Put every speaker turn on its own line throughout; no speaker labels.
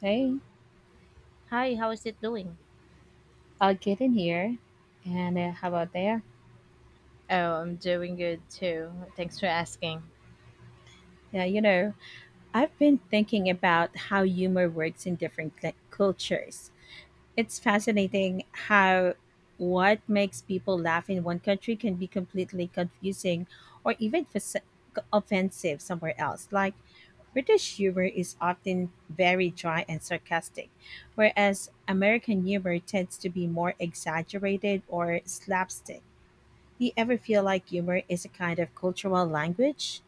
Hey,
Hi, how is it doing?
I'll get in here. And how about there?
Oh, I'm doing good too. Thanks for asking.
Yeah, you know, I've been thinking about how humor works in different cultures. It's fascinating how what makes people laugh in one country can be completely confusing or even offensive somewhere else. Like, British humor is often very dry and sarcastic, whereas American humor tends to be more exaggerated or slapstick. Do you ever feel like humor is a kind of cultural language?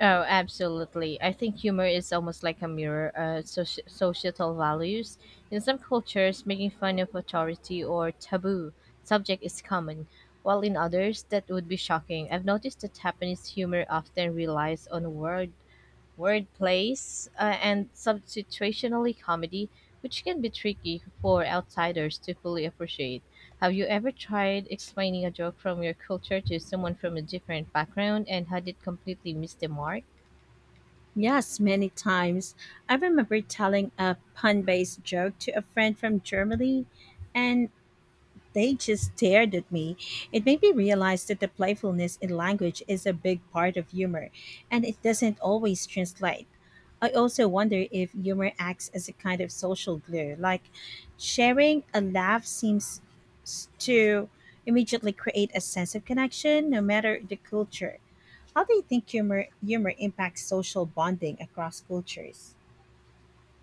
Oh, absolutely. I think humor is almost like a mirror of societal values. In some cultures, making fun of authority or taboo subject is common, while in others, that would be shocking. I've noticed that Japanese humor often relies on word plays, and substitutionally comedy, which can be tricky for outsiders to fully appreciate. Have you ever tried explaining a joke from your culture to someone from a different background and had it completely miss the mark?
Yes, many times. I remember telling a pun based joke to a friend from Germany, and they just stared at me. It made me realize that the playfulness in language is a big part of humor, and it doesn't always translate. I also wonder if humor acts as a kind of social glue, like sharing a laugh seems to immediately create a sense of connection no matter the culture. How do you think humor impacts social bonding across cultures?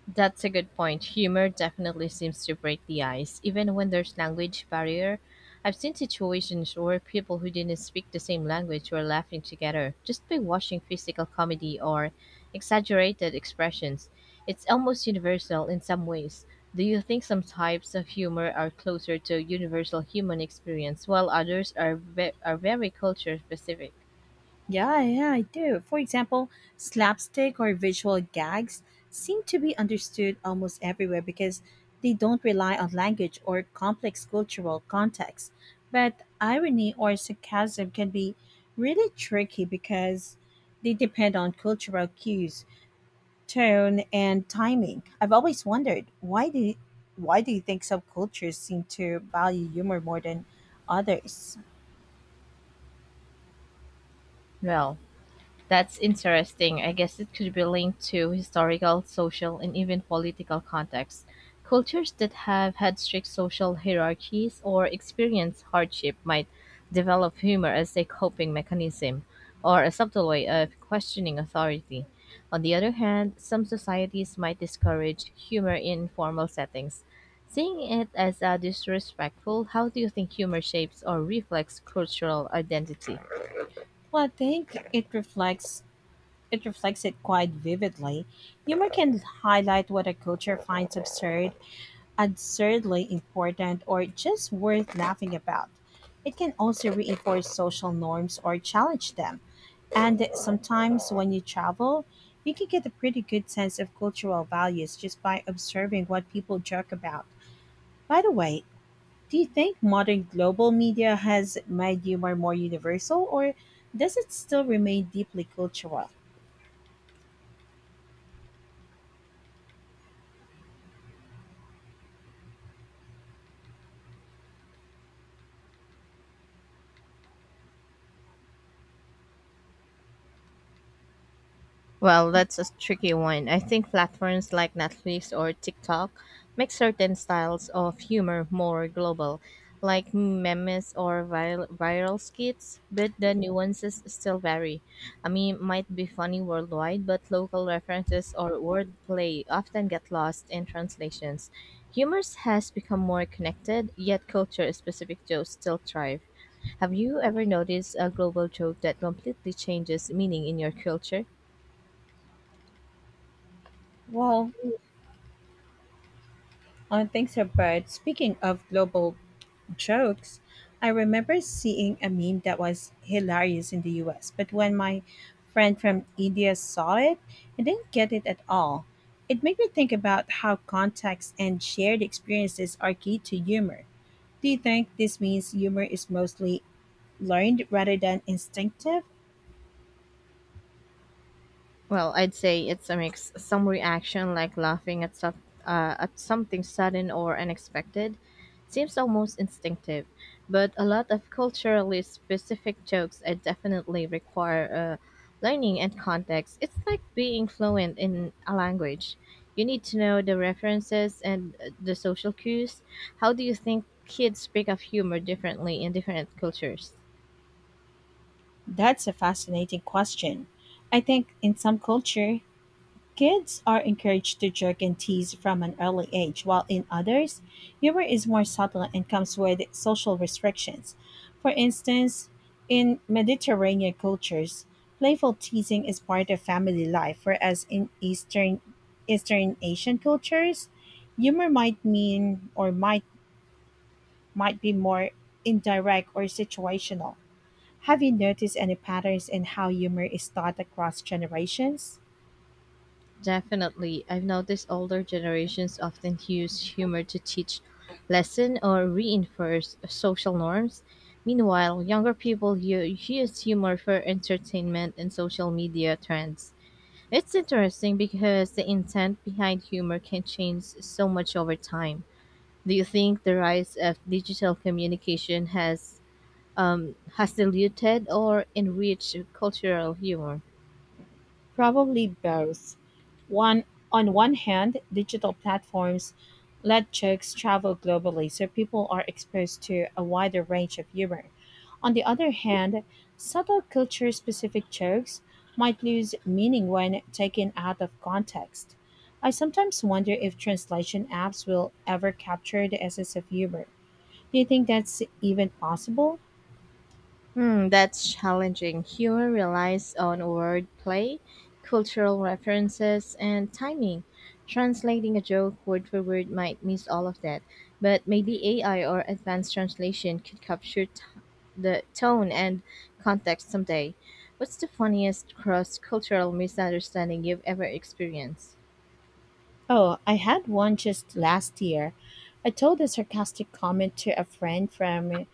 That's a good point. Humor definitely seems to break the ice, even when there's language barrier. I've seen situations where people who didn't speak the same language were laughing together just by watching physical comedy or exaggerated expressions. It's almost universal in some ways. Do you think some types of humor are closer to universal human experience while others are very culture specific?
Yeah, yeah, I do. For example, slapstick or visual gags seem to be understood almost everywhere because they don't rely on language or complex cultural context. But irony or sarcasm can be really tricky because they depend on cultural cues, tone, and timing. I've always wondered, why do you think some cultures seem to value humor more than others?
Well, that's interesting. I guess it could be linked to historical, social, and even political contexts. Cultures that have had strict social hierarchies or experience hardship might develop humor as a coping mechanism or a subtle way of questioning authority. On the other hand, some societies might discourage humor in formal settings. Seeing it as a disrespectful, how do you think humor shapes or reflects cultural identity?
Well, I think it reflects it quite vividly. Humor can highlight what a culture finds absurdly important or just worth laughing about. It can also reinforce social norms or challenge them. And sometimes when you travel, you can get a pretty good sense of cultural values just by observing what people joke about. By the way, do you think modern global media has made humor more universal, or does it still remain deeply cultural?
Well, that's a tricky one. I think platforms like Netflix or TikTok make certain styles of humor more global, like memes or viral skits, but the nuances still vary. A meme might be funny worldwide, but local references or wordplay often get lost in translations. Humor has become more connected, yet culture-specific jokes still thrive. Have you ever noticed a global joke that completely changes meaning in your culture?
Well, I don't think so, but speaking of global jokes. I remember seeing a meme that was hilarious in the US, but when my friend from India saw it, he didn't get it at all. It made me think about how context and shared experiences are key to humor. Do you think this means humor is mostly learned rather than instinctive?
Well, I'd say it's a mix. Some reaction, like laughing at stuff, at something sudden or unexpected, seems almost instinctive. But a lot of culturally specific jokes I definitely require learning and context. It's like being fluent in a language. You need to know the references and the social cues. How do you think kids pick up humor differently in different cultures?
That's a fascinating question. I think in some culture, kids are encouraged to joke and tease from an early age, while in others, humor is more subtle and comes with social restrictions. For instance, in Mediterranean cultures, playful teasing is part of family life, whereas in Eastern Asian cultures, humor might mean or might be more indirect or situational. Have you noticed any patterns in how humor is taught across generations?
Definitely. I've noticed older generations often use humor to teach lesson or reinforce social norms. Meanwhile, younger people use humor for entertainment and social media trends. It's interesting because the intent behind humor can change so much over time. Do you think the rise of digital communication has diluted or enriched cultural humor?
Probably both. One, on one hand, digital platforms let jokes travel globally, so people are exposed to a wider range of humor. On the other hand, subtle culture specific jokes might lose meaning when taken out of context. I sometimes wonder if translation apps will ever capture the essence of humor. Do you think that's even possible?
Hmm, that's challenging. Humor relies on wordplay, cultural references, and timing. Translating a joke word for word might miss all of that, but maybe AI or advanced translation could capture the tone and context someday. What's the funniest cross cultural misunderstanding you've ever experienced?
Oh, I had one just last year. I told a sarcastic comment to a friend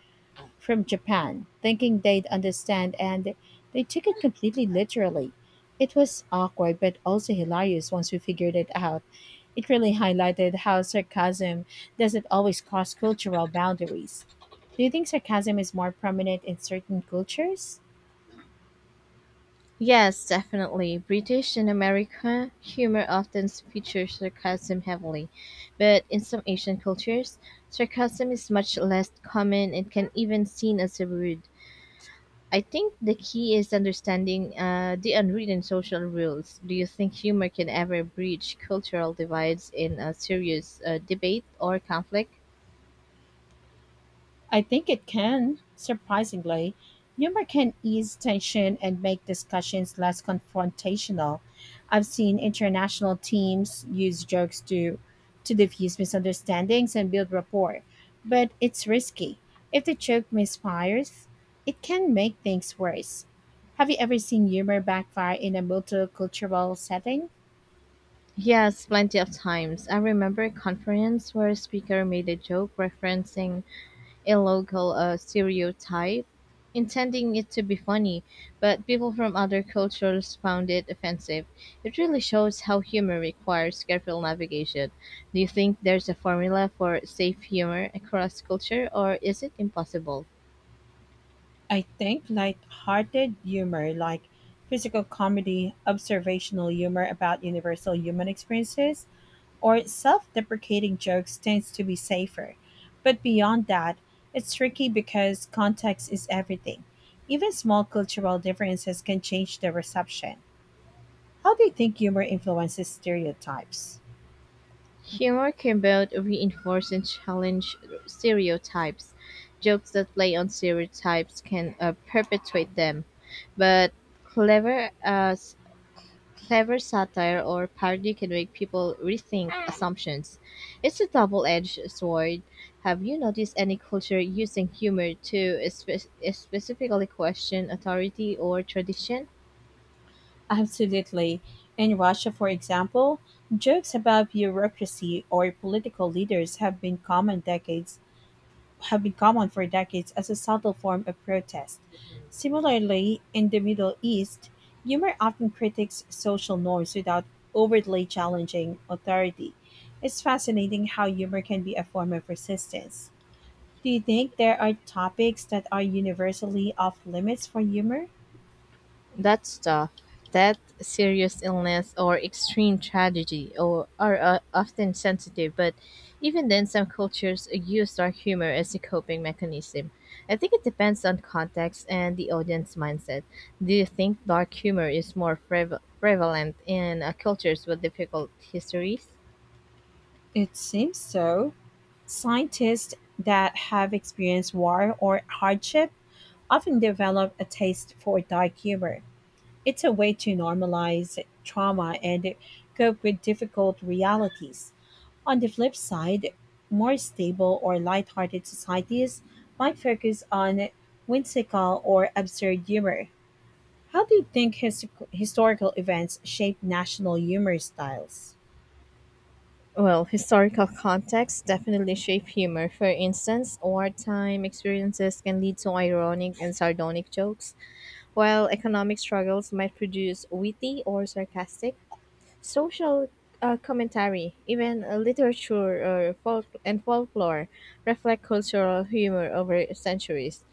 from Japan, thinking they'd understand, and they took it completely literally. It was awkward but also hilarious once we figured it out. It really highlighted how sarcasm doesn't always cross cultural boundaries. Do you think sarcasm is more prominent in certain cultures?
Yes, definitely. British and American humor often features sarcasm heavily, but in some Asian cultures, sarcasm is much less common and can even seen as rude. I think the key is understanding the unwritten social rules. Do you think humor can ever breach cultural divides in a serious debate or conflict?
I think it can. Surprisingly, humor can ease tension and make discussions less confrontational. I've seen international teams use jokes to diffuse misunderstandings and build rapport, but it's risky. If the joke misfires, it can make things worse. Have you ever seen humor backfire in a multicultural setting?
Yes, plenty of times. I remember a conference where a speaker made a joke referencing a local stereotype, intending it to be funny, but people from other cultures found it offensive. It really shows how humor requires careful navigation. Do you think there's a formula for safe humor across culture, or is it impossible?
I think light-hearted humor like physical comedy, observational humor about universal human experiences, or self-deprecating jokes tends to be safer. But beyond that, it's tricky because context is everything. Even small cultural differences can change the reception. How do you think humor influences stereotypes?
Humor can both reinforce and challenge stereotypes. Jokes that play on stereotypes can perpetuate them, but clever as Clever satire or parody can make people rethink assumptions. It's a double-edged sword. Have you noticed any culture using humor to specifically question authority or tradition?
Absolutely. In Russia, for example, jokes about bureaucracy or political leaders have been common decades have been common for decades as a subtle form of protest. Similarly, in the Middle East, humor often critiques social norms without overtly challenging authority. It's fascinating how humor can be a form of resistance. Do you think there are topics that are universally off limits for humor?
That's tough. That serious illness, or extreme tragedy or, are often sensitive, but even then, some cultures use dark humor as a coping mechanism. I think it depends on context and the audience mindset. Do you think dark humor is more prevalent in cultures with difficult histories?
It seems so. Scientists that have experienced war or hardship often develop a taste for dark humor. It's a way to normalize trauma and cope with difficult realities. On the flip side, more stable or lighthearted societies might focus on whimsical or absurd humor. How do you think historical events shape national humor styles?
Well, historical contexts definitely shape humor. For instance, wartime experiences can lead to ironic and sardonic jokes. While economic struggles might produce witty or sarcastic, social commentary, even literature or folk- and folklore, reflect cultural humor over centuries.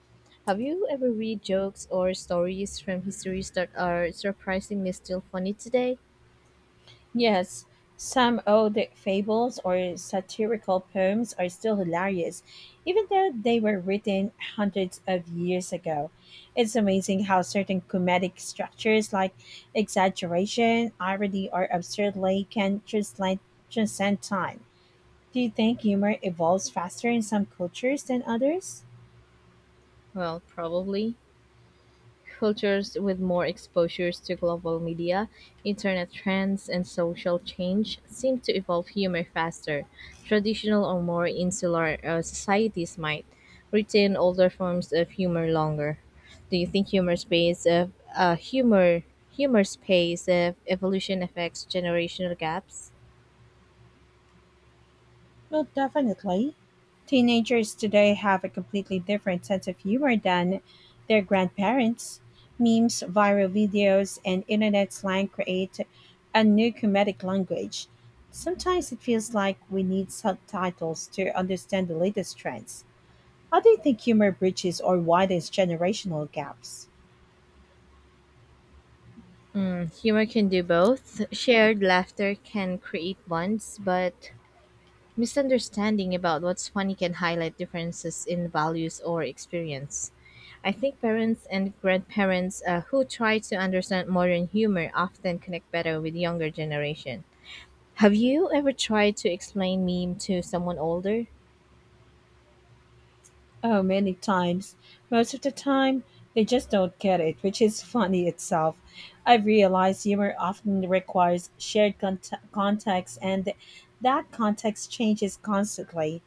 Have you ever read jokes or stories from histories that are surprisingly still funny today?
Yes, some old fables or satirical poems are still hilarious, even though they were written hundreds of years ago. It's amazing how certain comedic structures like exaggeration, irony, or absurdity can transcend time. Do you think humor evolves faster in some cultures than others?
Well, probably. Cultures with more exposures to global media, internet trends, and social change seem to evolve humor faster. Traditional or more insular societies might retain older forms of humor longer. Do you think humor space of evolution affects generational gaps?
Well, definitely. Teenagers today have a completely different sense of humor than their grandparents. Memes, viral videos, and internet slang create a new comedic language. Sometimes it feels like we need subtitles to understand the latest trends. How do you think humor bridges or widens generational gaps?
Mm, humor can do both. Shared laughter can create bonds, but misunderstanding about what's funny can highlight differences in values or experience. I think parents and grandparents who try to understand modern humor often connect better with younger generation. Have you ever tried to explain meme to someone older?
Oh, many times. Most of the time, they just don't get it, which is funny itself. I've realized humor often requires shared context, and that context changes constantly.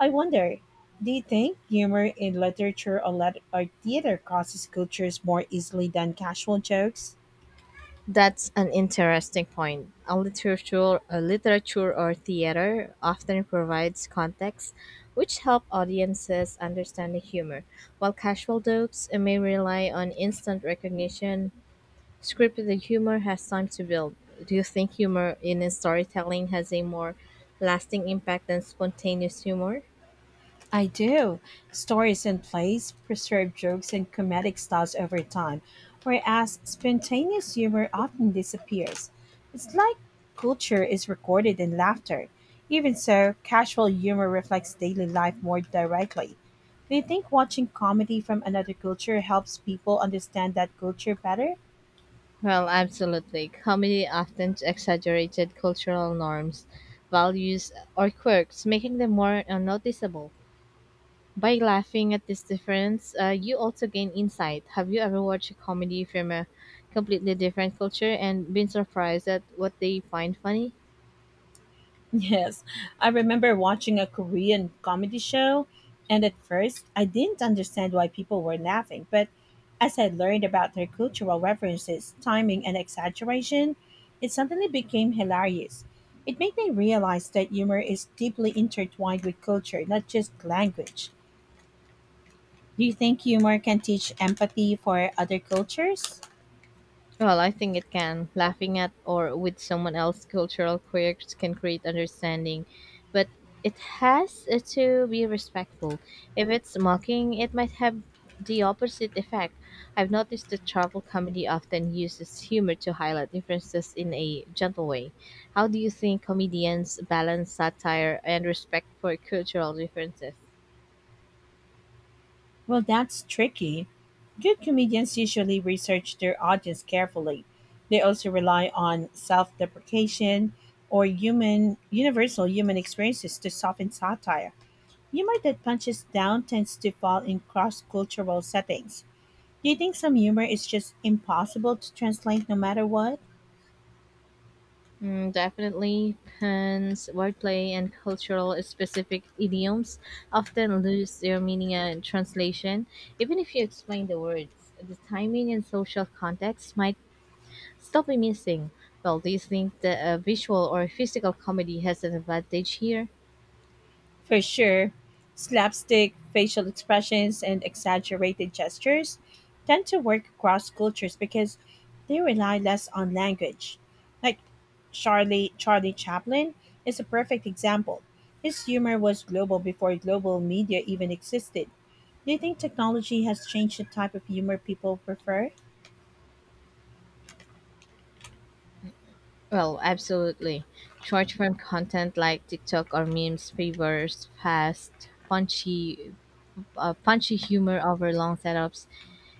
I wonder, do you think humor in literature or theater crosses cultures more easily than casual jokes?
That's an interesting point. A literature or theater often provides context, which help audiences understand the humor, while casual jokes may rely on instant recognition. Scripted humor has time to build. Do you think humor in storytelling has a more lasting impact than spontaneous humor?
I do. Stories and plays preserve jokes and comedic styles over time, whereas spontaneous humor often disappears. It's like culture is recorded in laughter. Even so, casual humor reflects daily life more directly. Do you think watching comedy from another culture helps people understand that culture better?
Well, absolutely. Comedy often exaggerated cultural norms, values, or quirks, making them more unnoticeable. By laughing at this difference, you also gain insight. Have you ever watched a comedy from a completely different culture and been surprised at what they find funny?
Yes, I remember watching a Korean comedy show, and at first I didn't understand why people were laughing, but as I learned about their cultural references, timing, and exaggeration, it suddenly became hilarious. It made me realize that humor is deeply intertwined with culture, not just language. Do you think humor can teach empathy for other cultures?
Well, I think it can. Laughing at or with someone else's cultural quirks can create understanding, but it has to be respectful. If it's mocking, it might have the opposite effect. I've noticed that travel comedy often uses humor to highlight differences in a gentle way. How do you think comedians balance satire and respect for cultural differences?
Well, that's tricky. Good comedians usually research their audience carefully. They also rely on self deprecation or human universal human experiences to soften satire. Humor that punches down tends to fall in cross cultural settings. Do you think some humor is just impossible to translate no matter what?
Mm, definitely, puns, wordplay, and cultural specific idioms often lose their meaning and translation. Even if you explain the words, the timing and social context might still be missing. Well, do you think that a visual or physical comedy has an advantage here?
For sure, slapstick, facial expressions, and exaggerated gestures tend to work across cultures because they rely less on language. Like Charlie Chaplin is a perfect example. His humor was global before global media even existed. Do you think technology has changed the type of humor people prefer?
Well, absolutely. Short form content like TikTok or memes favors fast, punchy humor over long setups.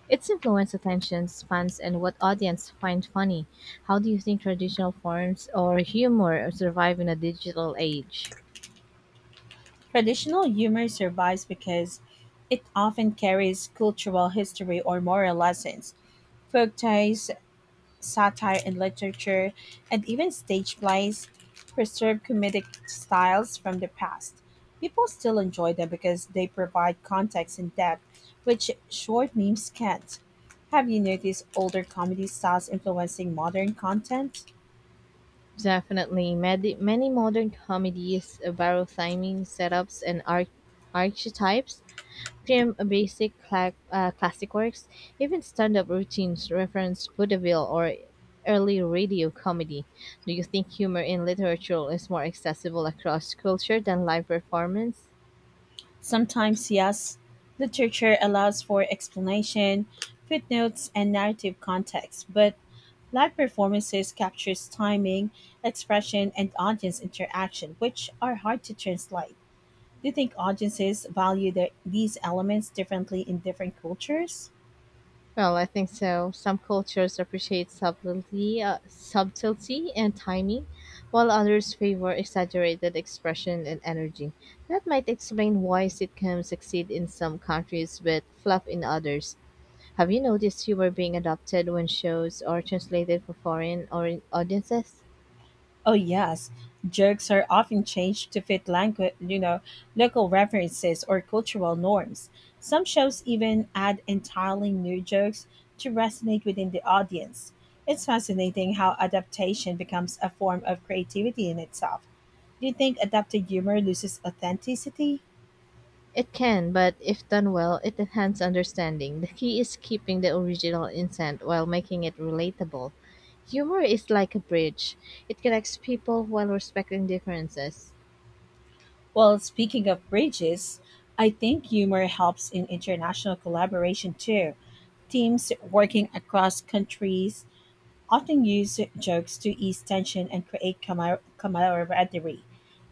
Its influence attention spans and what audience find funny. How do you think traditional forms or humor survive in a digital age?
Traditional humor survives because it often carries cultural history or moral lessons. Folk tales, satire in literature, and even stage plays preserve comedic styles from the past. People still enjoy them because they provide context and depth, which short memes can't. Have you noticed older comedy styles influencing modern content?
Definitely. Many modern comedies borrow theming setups and archetypes from basic classic works. Even stand-up routines reference vaudeville or early radio comedy. Do you think humor in literature is more accessible across culture than live performance?
Sometimes, yes, literature allows for explanation, footnotes, and narrative context, but live performances captures timing, expression, and audience interaction, which are hard to translate. Do you think audiences value these elements differently in different cultures?
Well, I think so. Some cultures appreciate subtlety and timing, while others favor exaggerated expression and energy. That might explain why sitcoms succeed in some countries but flop in others. Have you noticed fewer being adopted when shows are translated for foreign or audiences?
Oh yes, jokes are often changed to fit language, you know, local references or cultural norms. Some shows even add entirely new jokes to resonate within the audience. It's fascinating how adaptation becomes a form of creativity in itself. Do you think adapted humor loses authenticity?
It can, but if done well, it enhances understanding. The key is keeping the original intent while making it relatable. Humor is like a bridge. It connects people while respecting differences.
Well, speaking of bridges, I think humor helps in international collaboration too, teams working across countries often use jokes to ease tension and create camaraderie.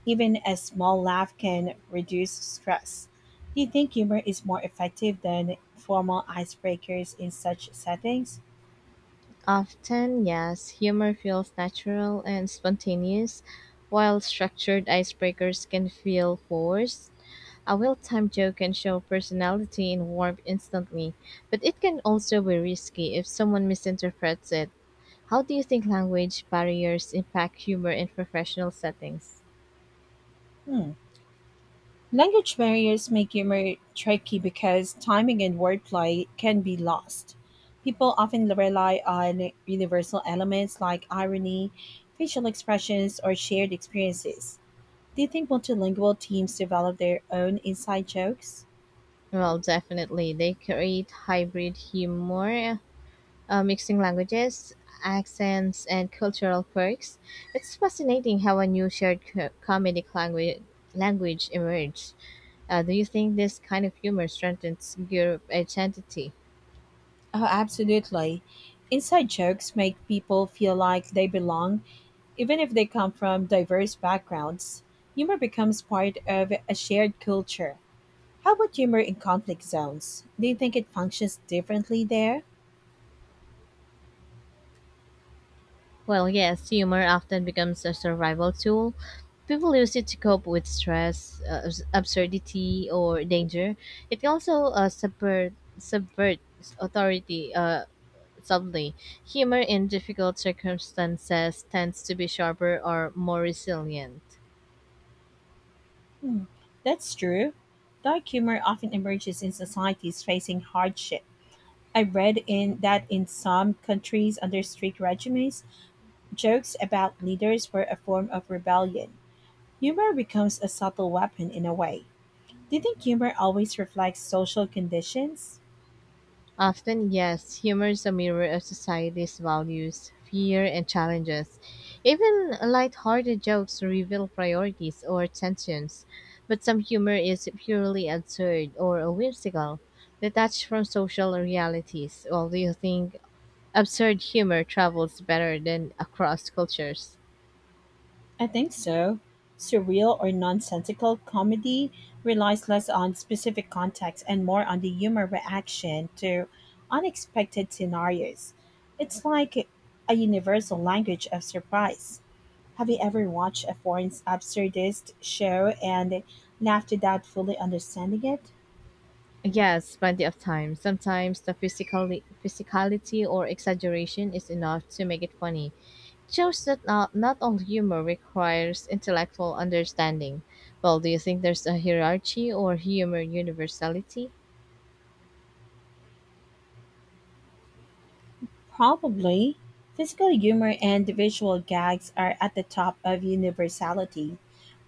Even a small laugh can reduce stress. Do you think humor is more effective than formal icebreakers in such settings?
Often, yes, humor feels natural and spontaneous, while structured icebreakers can feel forced. A well-timed joke can show personality and warmth instantly, but it can also be risky if someone misinterprets it. How do you think language barriers impact humor in professional settings?
Hmm. Language barriers make humor tricky because timing and wordplay can be lost. People often rely on universal elements like irony, facial expressions, or shared experiences. Do you think multilingual teams develop their own inside jokes?
Well, definitely. They create hybrid humor, mixing languages, accents, and cultural quirks. It's fascinating how a new shared comedic language emerged. Do you think this kind of humor strengthens group identity?
Oh, absolutely. Inside jokes make people feel like they belong, even if they come from diverse backgrounds. Humor becomes part of a shared culture. How about humor in conflict zones? Do you think it functions differently there?
Well, yes, humor often becomes a survival tool. People use it to cope with stress, absurdity, or danger. It can also subvert authority subtly. Humor in difficult circumstances tends to be sharper or more resilient.
Hmm, that's true. Dark humor often emerges in societies facing hardship. I read in that in some countries under strict regimes, jokes about leaders were a form of rebellion. Humor becomes a subtle weapon in a way. Do you think humor always reflects social conditions?
Often, yes, humor is a mirror of society's values, fear, and challenges. Even lighthearted jokes reveal priorities or tensions, but some humor is purely absurd or whimsical, detached from social realities. Well, do you think absurd humor travels better than across cultures?
I think so. Surreal or nonsensical comedy relies less on specific context and more on the humor reaction to unexpected scenarios. It's like a universal language of surprise. Have you ever watched a foreign absurdist show and laughed without fully understanding it?
Yes, plenty of times. Sometimes the physicality or exaggeration is enough to make it funny shows that not all humor requires intellectual understanding. Well, do you think there's a hierarchy or humor universality?
Probably. Physical humor and visual gags are at the top of universality.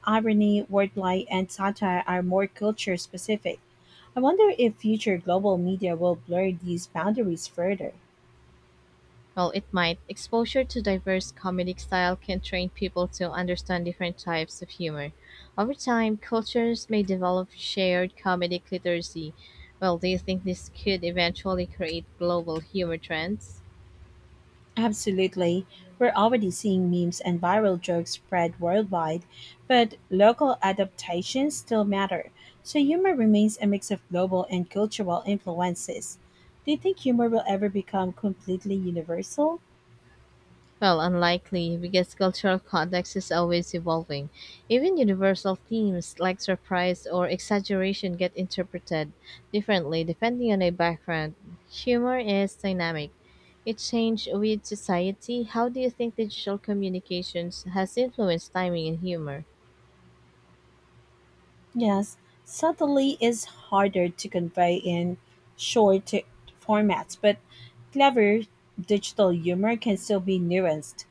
Irony, wordplay, and satire are more culture specific. I wonder if future global media will blur these boundaries further.
Well, it might. Exposure to diverse comedic style can train people to understand different types of humor. Over time, cultures may develop shared comedic literacy. Well, do you think this could eventually create global humor trends?
Absolutely. We're already seeing memes and viral jokes spread worldwide, but local adaptations still matter. So humor remains a mix of global and cultural influences. Do you think humor will ever become completely universal?
Well, unlikely, because cultural context is always evolving. Even universal themes like surprise or exaggeration get interpreted differently depending on a background. Humor is dynamic. It changes with society. How do you think digital communications has influenced timing and humor?
Yes, subtlety is harder to convey in short formats, but clever digital humor can still be nuanced.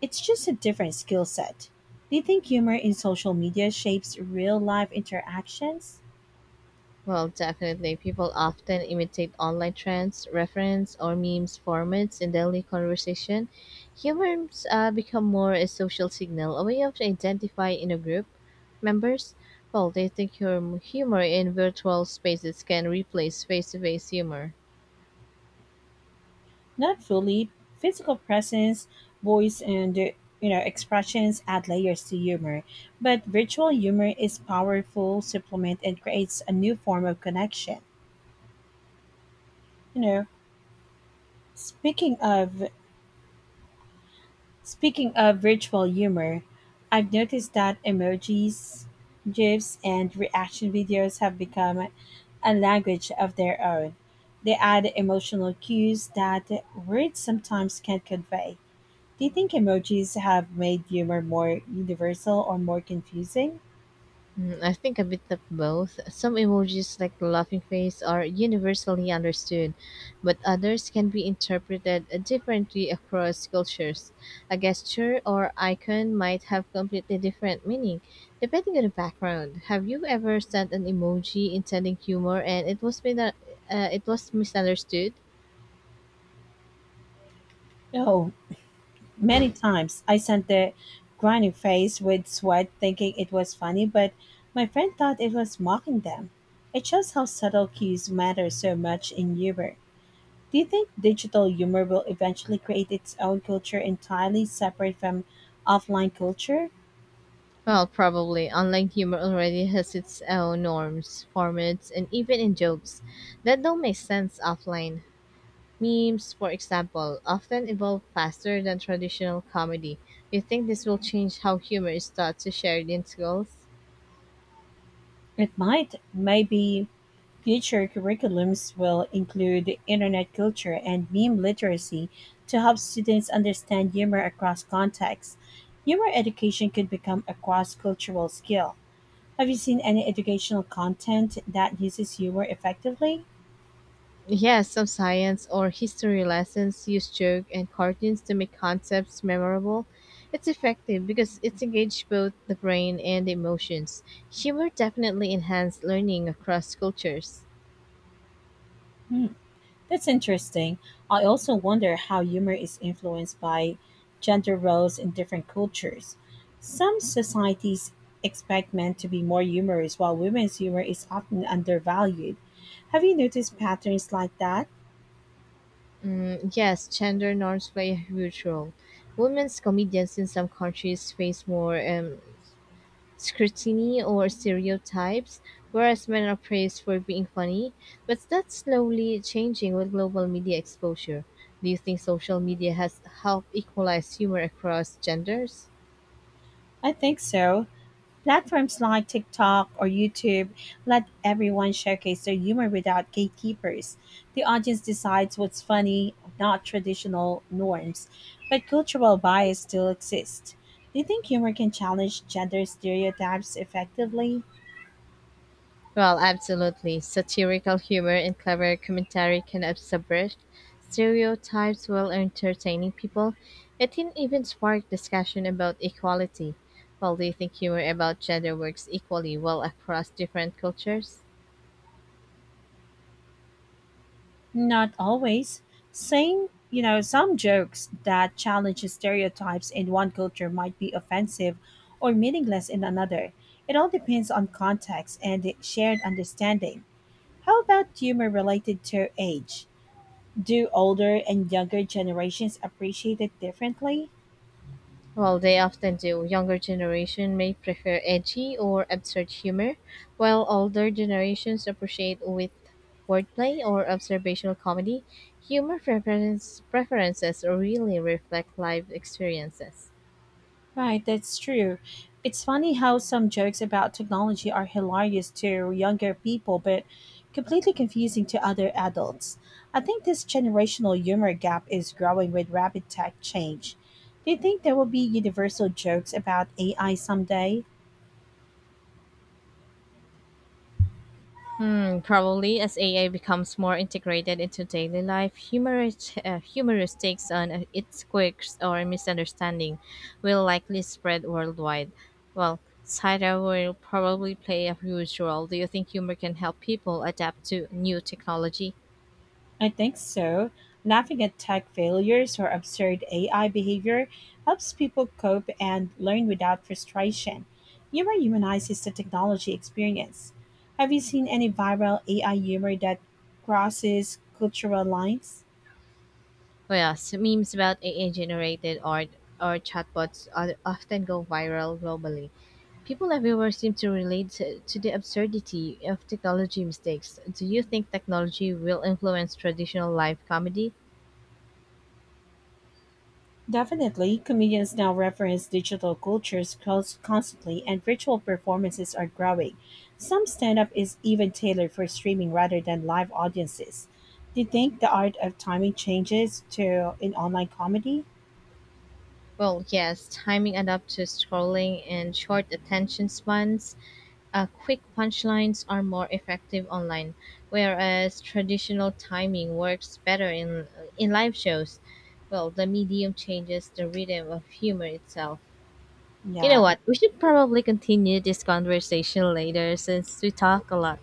It's just a different skill set. Do you think humor in social media shapes real life interactions?
Well, definitely. People often imitate online trends, reference, or memes formats in daily conversation. Humans become more a social signal, a way of identifying in a group. Members, well, they think your humor in virtual spaces can replace face to face humor.
Not fully. Physical presence, voice, and you know, expressions add layers to humor, but virtual humor is powerful supplement and creates a new form of connection. You know, Speaking of speaking of virtual humor, I've noticed that emojis, GIFs, and reaction videos have become a language of their own. They add emotional cues that words sometimes can't convey. Do you think emojis have made humor more universal or more confusing?
Mm, I think a bit of both. Some emojis, like the laughing face, are universally understood, but others can be interpreted differently across cultures. A gesture or icon might have completely different meaning depending on the background. Have you ever sent an emoji intending humor and it it was misunderstood?
No, many times I sent the grinding face with sweat thinking it was funny, but my friend thought it was mocking them. It shows how subtle cues matter so much in humor. Do you think digital humor will eventually create its own culture entirely separate from offline culture?
Well, probably. Online humor already has its own norms, formats, and even in jokes that don't make sense offline. Memes, for example, often evolve faster than traditional comedy. Do you think this will change how humor is taught to shared in schools?
It might. Maybe future curriculums will include Internet culture and meme literacy to help students understand humor across contexts. Humor education could become a cross cultural skill. Have you seen any educational content that uses humor effectively?
Yes, some science or history lessons use joke and cartoons to make concepts memorable. It's effective because it engages both the brain and the emotions. Humor definitely enhances learning across cultures.
That's interesting. I also wonder how humor is influenced by gender roles in different cultures. Some societies expect men to be more humorous, while women's humor is often undervalued. Have you noticed patterns like that?
Mm, yes, gender norms play a huge role. Women's comedians in some countries face more scrutiny or stereotypes, whereas men are praised for being funny. But that's slowly changing with global media exposure. Do you think social media has helped equalize humor across genders?
I think so. Platforms like TikTok or YouTube let everyone showcase their humor without gatekeepers. The audience decides what's funny, not traditional norms, but cultural bias still exists. Do you think humor can challenge gender stereotypes effectively?
Well, absolutely. Satirical humor and clever commentary can subvert stereotypes while entertaining people. It can even spark discussion about equality. Well, do you think humor about gender works equally well across different cultures?
Not always. Saying, you know, some jokes that challenge stereotypes in one culture might be offensive or meaningless in another. It all depends on context and shared understanding. How about humor related to age? Do older and younger generations appreciate it differently?
Well, they often do. Younger generation may prefer edgy or absurd humor, while older generations appreciate with wordplay or observational comedy. Preferences really reflect life experiences.
Right, that's true. It's funny how some jokes about technology are hilarious to younger people, but completely confusing to other adults. I think this generational humor gap is growing with rapid tech change. Do you think there will be universal jokes about AI someday?
Hmm, probably as AI becomes more integrated into daily life, humorous takes on its quirks or misunderstanding will likely spread worldwide. Well, satire will probably play a huge role. Do you think humor can help people adapt to new technology?
I think so. Laughing at tech failures or absurd AI behavior helps people cope and learn without frustration. Humor humanizes the technology experience. Have you seen any viral AI humor that crosses cultural lines?
Oh yes, memes about AI-generated art or chatbots are often go viral globally. People everywhere seem to the absurdity of technology mistakes. Do you think technology will influence traditional live comedy?
Definitely, comedians now reference digital cultures constantly, and virtual performances are growing. Some stand up is even tailored for streaming rather than live audiences. Do you think the art of timing changes to in online comedy?
Well, yes, timing adapt to scrolling and short attention spans. Quick punchlines are more effective online, whereas traditional timing works better in live shows. Well, the medium changes the rhythm of humor itself. You know
Yeah,
what? We should probably continue this conversation later since we talk a lot.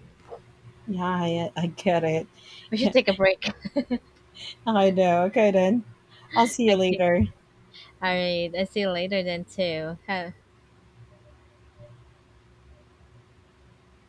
yeah, I get it.
We should take a break.
I know. Okay, then. I'll see you
Okay.
later.
All right. I see you later then too. Have,